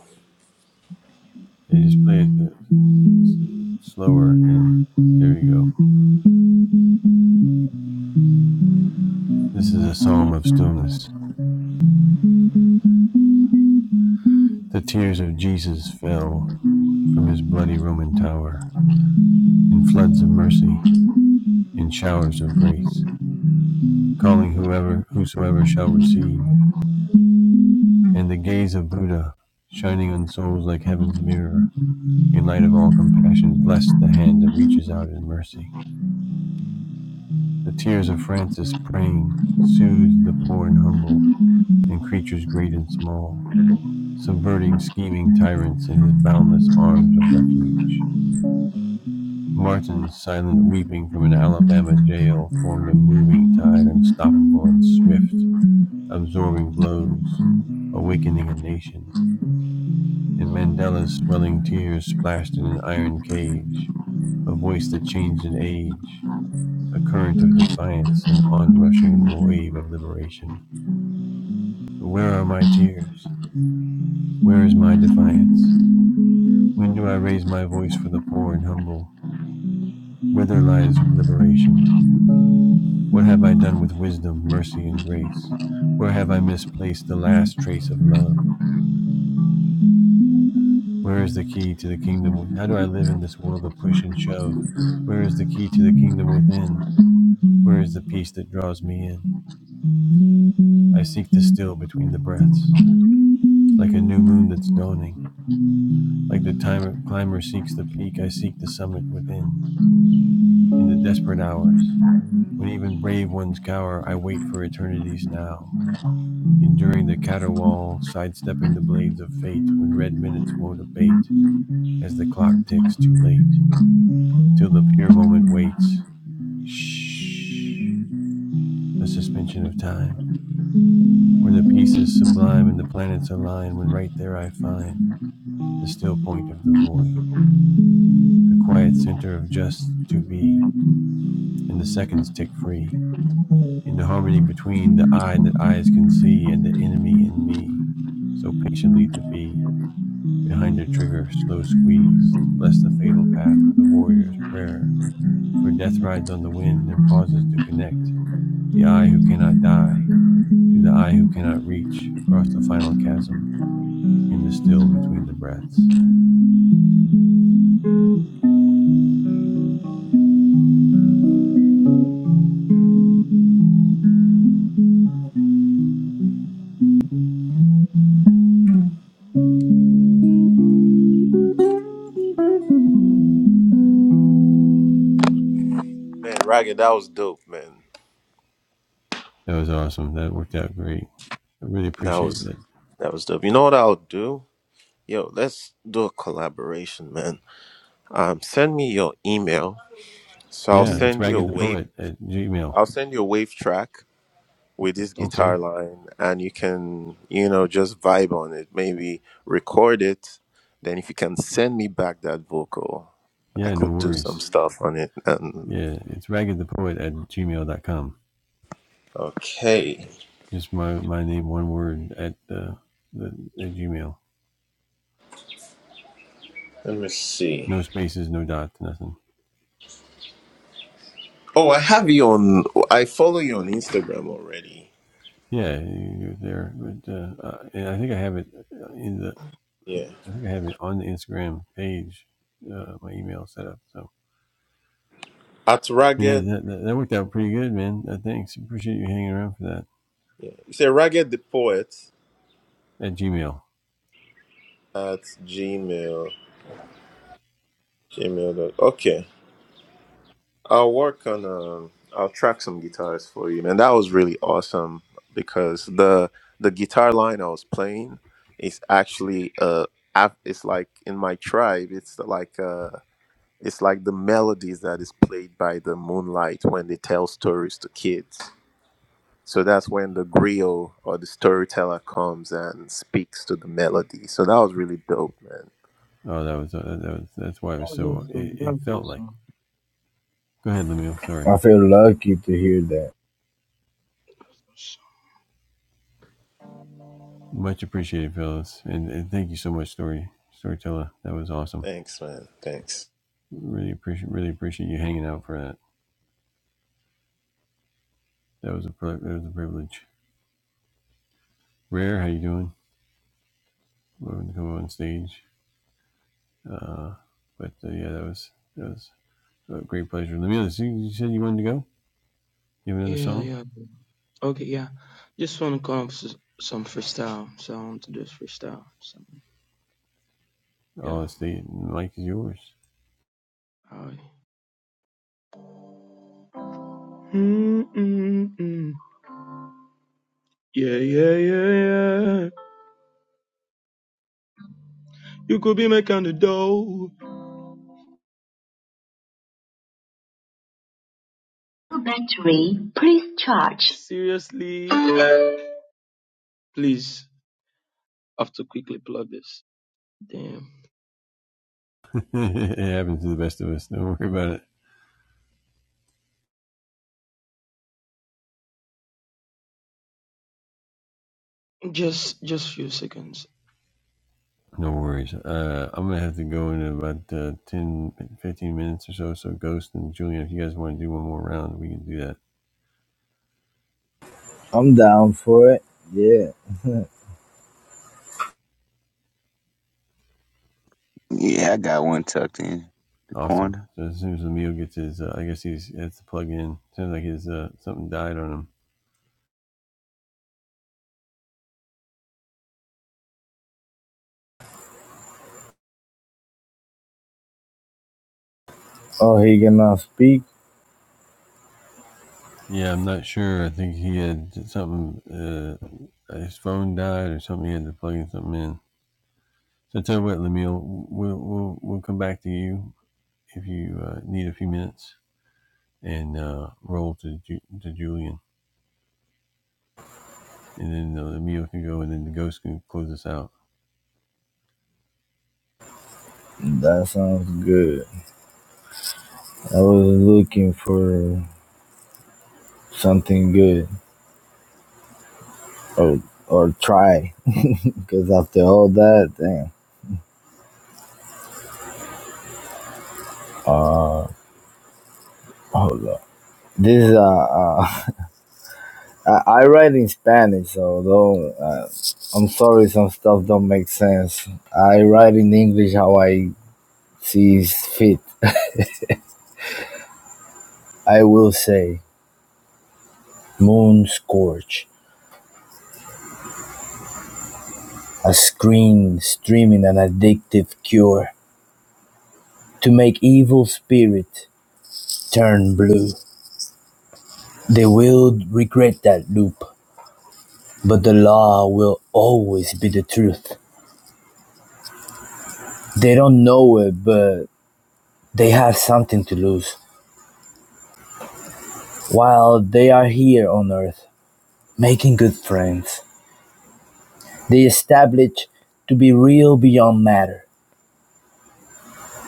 Speaker 2: man, Ragged, that was dope, man. That was that was dope. You know what I'll do? Yo, let's do a collaboration, man. Um, send me your email, so I'll
Speaker 5: That's
Speaker 2: send
Speaker 5: cool.
Speaker 2: you a wave. I'll send you a wave track, with this
Speaker 5: That's
Speaker 2: guitar line and you can you know just vibe on it maybe record it then if you can send me back that vocal i could do some stuff on it and okay let me see oh i have you on i follow you on instagram already yeah at ragged yeah. you say ragged the poet at gmail gmail dot. okay I'll work on um I'll track some guitars for you, man. That was really awesome because the the guitar line I was playing is actually uh af- it's like in my tribe, it's like uh it's like the melodies that is played by the moonlight when they tell stories to kids. So that's when the griot or the storyteller comes and speaks to the melody. So that was really dope, man.
Speaker 5: cool. that's awesome. That's awesome.
Speaker 4: I feel lucky to hear that.
Speaker 2: Thanks, man. Thanks.
Speaker 5: Yeah, yeah. Okay, yeah. Just want to come up with some freestyle. So I want to do this freestyle. So yeah. Alright. Mm, mm, mm. Yeah, yeah, yeah, yeah. You could be my kind of dough. Your Battery, please charge. Seriously. Please, I have to quickly plug this. Damn. Just just few seconds.
Speaker 4: I'm down for it. Yeah.
Speaker 1: yeah I got one tucked in the corner
Speaker 4: Oh, he cannot speak? That sounds good. I was looking for something good or or try because after all that, damn. Uh, hold up. This uh, uh I, I write in Spanish, so though uh, I'm sorry some stuff don't make sense. I write in English how I see fit. I will say. Moon Scourge, a screen streaming an addictive cure to make evil spirit turn blue. They will regret that loop, but the law will always be the truth. They don't know it, but they have something to lose. While they are here on Earth, making good friends, they establish to be real beyond matter,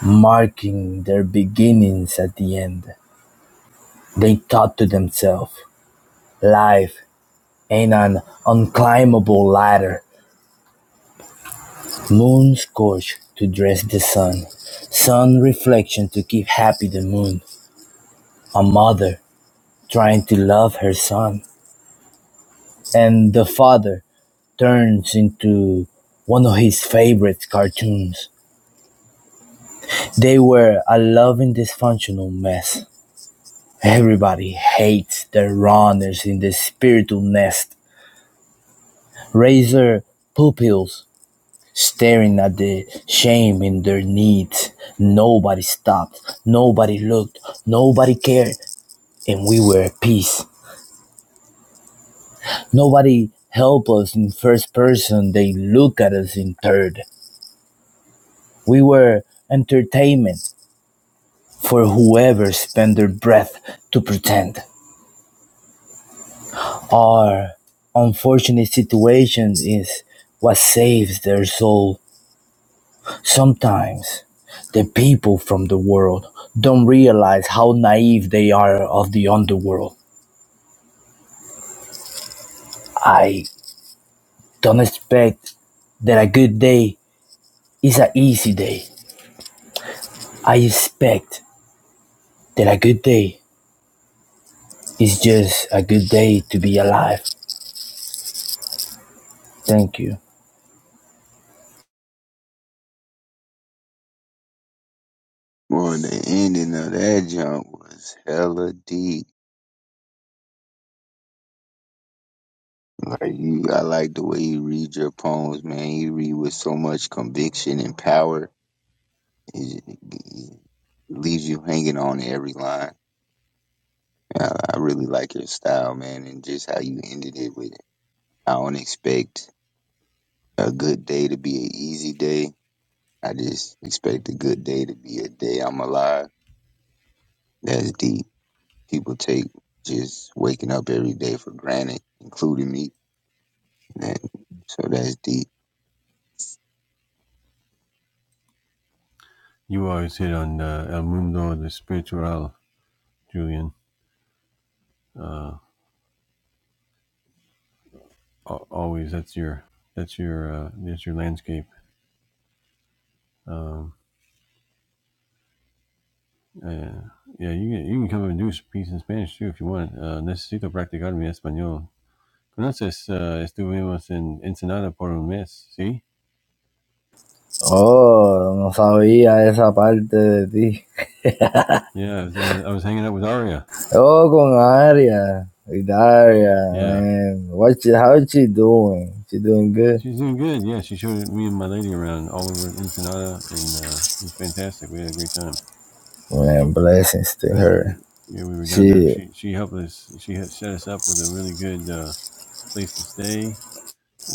Speaker 4: marking their beginnings at the end. They thought to themselves, life and an unclimbable ladder, moon scorch to dress the sun, sun reflection to keep happy the moon, a mother trying to love her son, and the father turns into one of his favorite cartoons. They were a loving dysfunctional mess. Everybody hates their runners in the spiritual nest. Razor pupils staring at the shame in their needs. Nobody stopped, nobody looked, nobody cared, and we were at peace. Nobody helped us in first person, they look at us in third. We were entertainment for whoever spent their breath to pretend. Our unfortunate situation is what saves their soul Sometimes the people from the world don't realize how naive they are of the underworld. I don't expect that a good day is an easy day. I expect that a good day is just a good day to be alive. Thank you.
Speaker 1: well the ending of that jump was hella deep. Like you, I like the way you read your poems, man. You read with so much conviction and power. It, it leaves you hanging on to every line. I, I really like your style, man, and just how you ended it with, I don't expect a good day to be an easy day. I just expect a good day to be a day I'm alive. That's deep. People take just waking up every day for granted, including me. That, so that's deep.
Speaker 4: Oh, no sabía esa parte de ti. Oh, con Aria. With Aria, man. What she, how she doing? She doing good? Man, blessings to her. Shit,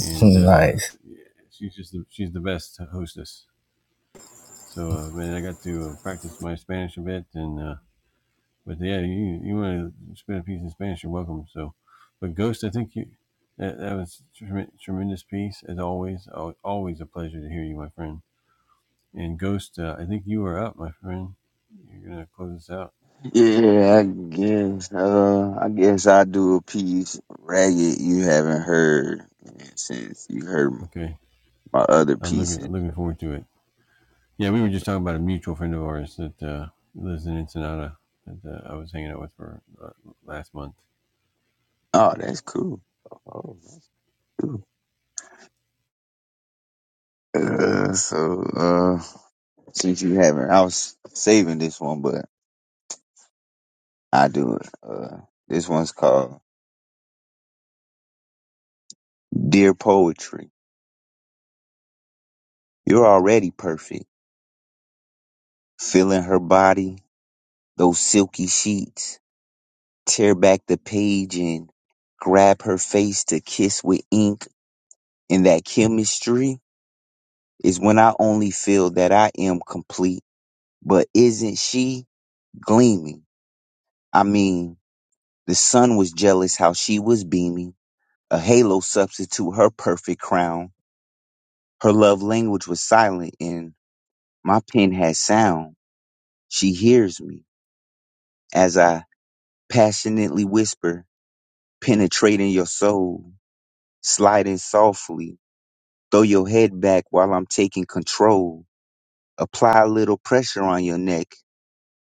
Speaker 4: nice
Speaker 1: Yeah, I guess. Uh, I guess I do a piece ragged you haven't heard and since you heard my other pieces. Oh, that's cool. Oh, that's cool. Uh, so uh, since you haven't, I was saving this one, but I do it. Uh, this one's called "Dear Poetry." You're already perfect. Feeling her body, those silky sheets. Tear back the page and grab her face to kiss with ink and that chemistry is when I only feel that I am complete. But isn't she gleaming? I mean, the sun was jealous how she was beaming. A halo substitute her perfect crown. Her love language was silent and my pen had sound. She hears me as I passionately whisper, penetrating your soul, sliding softly. Throw your head back while I'm taking control. Apply a little pressure on your neck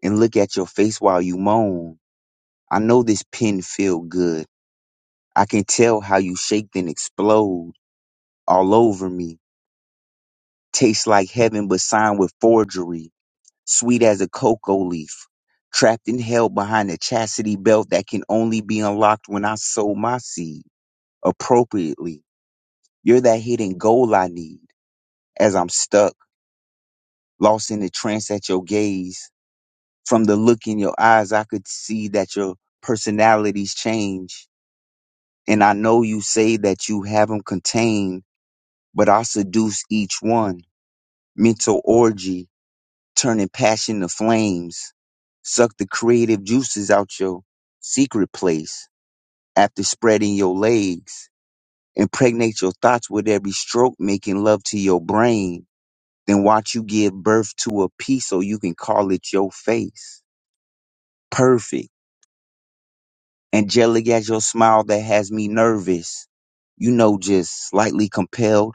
Speaker 1: and look at your face while you moan. I know this pen feel good. I can tell how you shake then explode all over me. Tastes like heaven but signed with forgery. Sweet as a cocoa leaf. Trapped and held behind a chastity belt that can only be unlocked when I sow my seed appropriately. You're that hidden goal I need as I'm stuck, lost in the trance at your gaze. From the look in your eyes, I could see that your personalities change And I know you say that you have them contained, but I seduce each one. Mental orgy, turning passion to flames. Suck the creative juices out your secret place after spreading your legs. Impregnate your thoughts with every stroke, making love to your brain. Then watch you give birth to a piece so you can call it your face. Perfect. Angelic as your smile that has me nervous. You know, just slightly compelled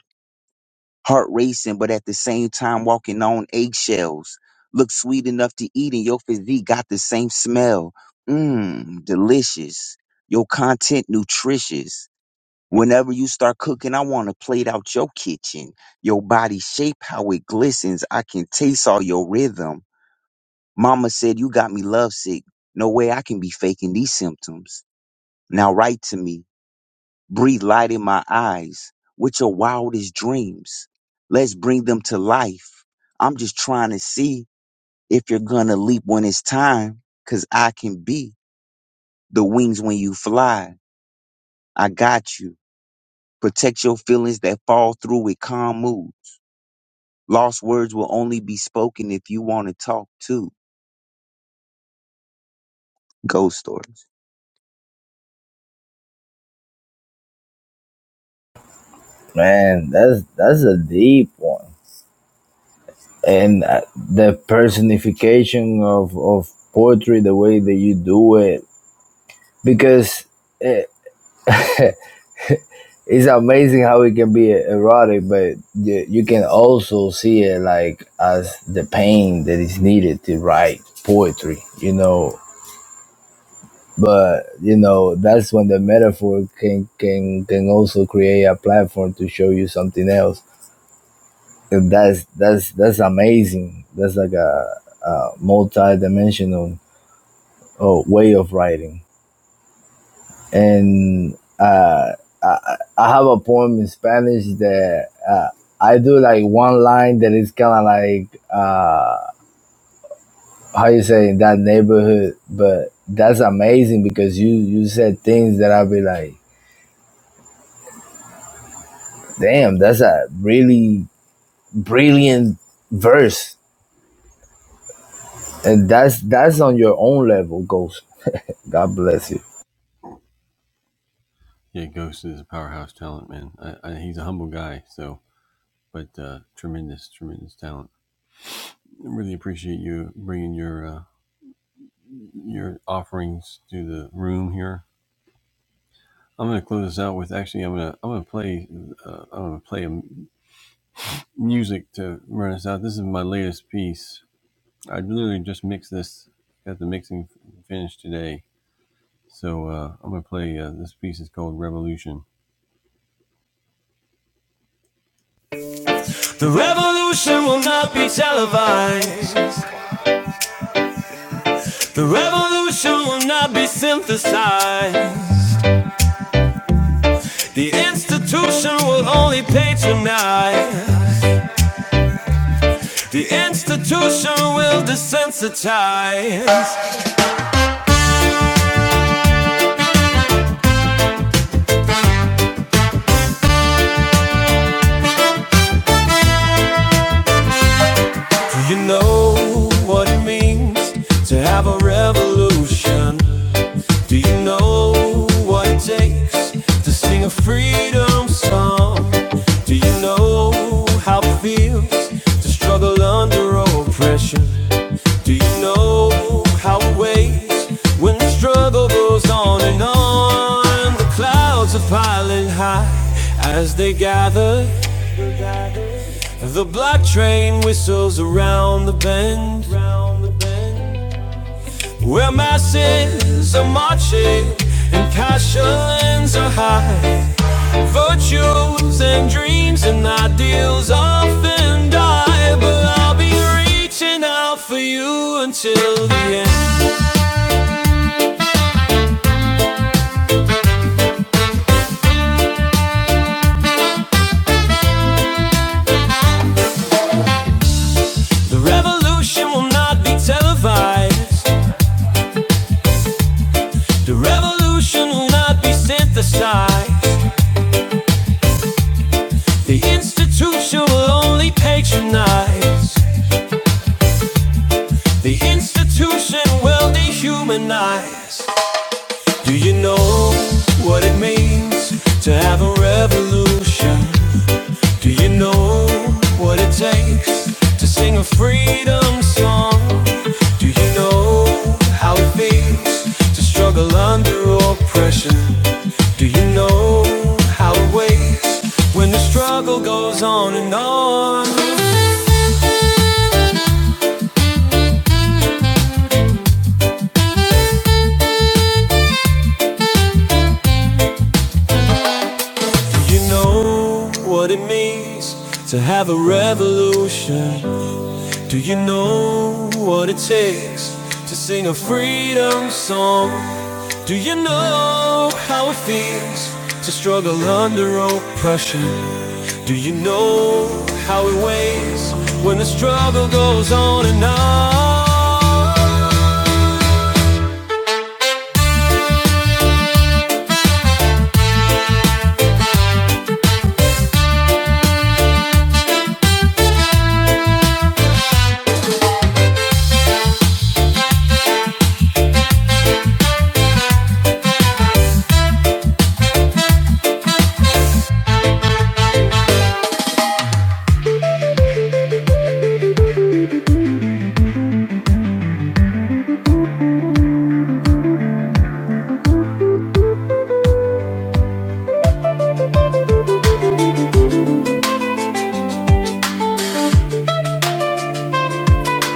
Speaker 1: heart racing, but at the same time walking on eggshells. Look sweet enough to eat, and your physique got the same smell. Mmm, delicious. Your content nutritious. Whenever you start cooking, I want to plate out your kitchen. Your body shape, how it glistens. I can taste all your rhythm. Mama said you got me lovesick. No way I can be faking these symptoms. Now write to me. Breathe light in my eyes with your wildest dreams. Let's bring them to life. I'm just trying to see if you're gonna leap when it's time, cause I can be the wings when you fly. I got you. Protect your feelings that fall through with calm mood. Lost words will only be spoken if you want to talk too. Ghost stories.
Speaker 4: man. That's that's a deep one, and uh, the personification of of poetry, the way that you do it, because it, it's amazing how it can be erotic, but you, you can also see it like as the pain that is needed to write poetry. You know. But you know that's when the metaphor can can can also create a platform to show you something else And that's that's that's amazing. That's like a, a multi-dimensional uh, way of writing. And uh, I, I have a poem in Spanish that uh, I do like one line that is kind of like uh, how you say in that neighborhood, but that's amazing because you you said things that I'll be like, damn, that's a really brilliant verse, and that's that's on your own level, Ghost. God bless you.
Speaker 7: to struggle under oppression. Do you know how it weighs when the struggle goes on and on? The clouds are piling high as they gather. The black train whistles around the bend. Where masses are marching and passions are high. Virtues and dreams and ideals often die, but I'll be reaching out for you until the end. The revolution will not be televised, the revolution will not be synthesized. The institution will only patronize, the institution will dehumanize. Do you know what it means to have a revolution? Do you know what it takes to sing a freedom song? Do you know how it feels to struggle under oppression? Do you know how it weighs when the struggle goes on and on? Do you know what it means to have a revolution? Do you know what it takes to sing a freedom song? Do you know how it feels to struggle under oppression? Do you know how it weighs when the struggle goes on and on?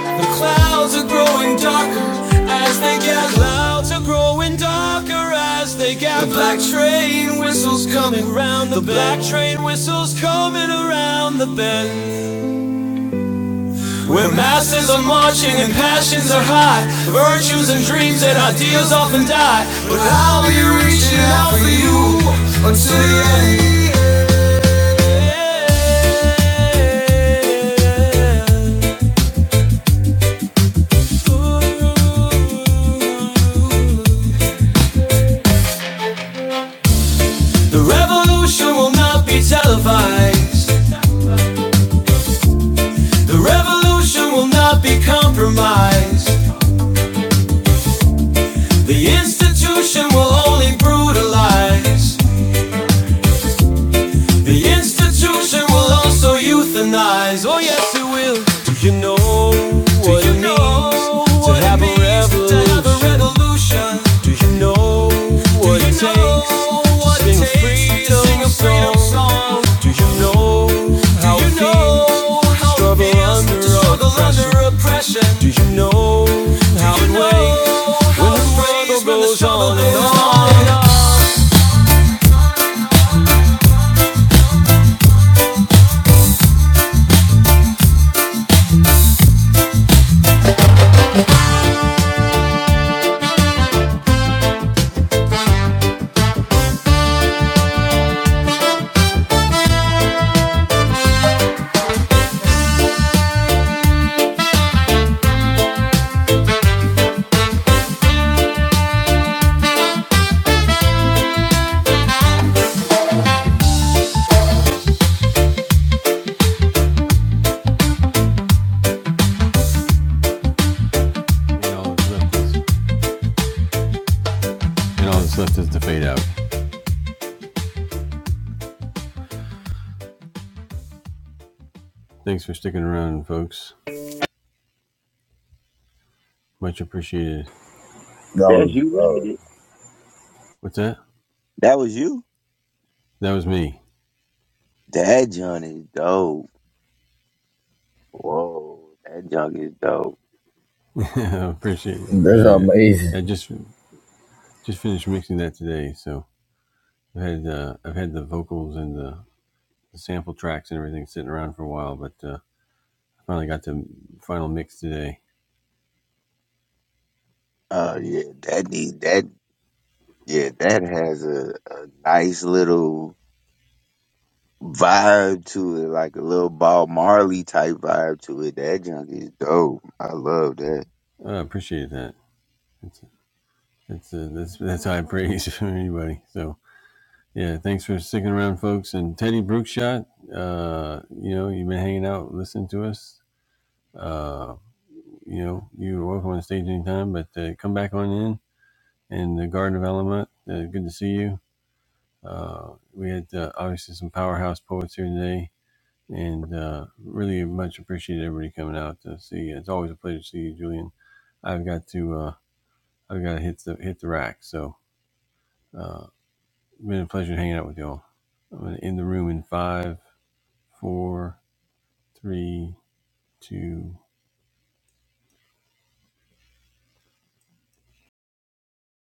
Speaker 7: The clouds are growing darker as they get clouds are growing darker as they get the black train whistles coming round the the black train whistles coming around the bend Where masses are marching and passions are high, virtues and dreams and ideals often die. But I'll be reaching out for you until the end. The revolution will not be televised. The revolution will not be compromised. The institution will only brutalize. The institution will also euthanize. Oh yes, it will. Do you know what it means to have a revolution? Do you know what it takes to sing a freedom song? Do you know how it feels to struggle under oppression? Do you know how it know weighs when the struggle goes on and goes on and on?
Speaker 4: That
Speaker 1: That's
Speaker 4: was
Speaker 1: you,
Speaker 4: uh,
Speaker 1: Ragged. That was you. That junk is dope. Whoa, that junk is dope.
Speaker 4: that's amazing.
Speaker 1: Oh yeah, that need that. Yeah, that has a, a nice little vibe to it, like a little Bob Marley type vibe to it. That junk is dope. I love that.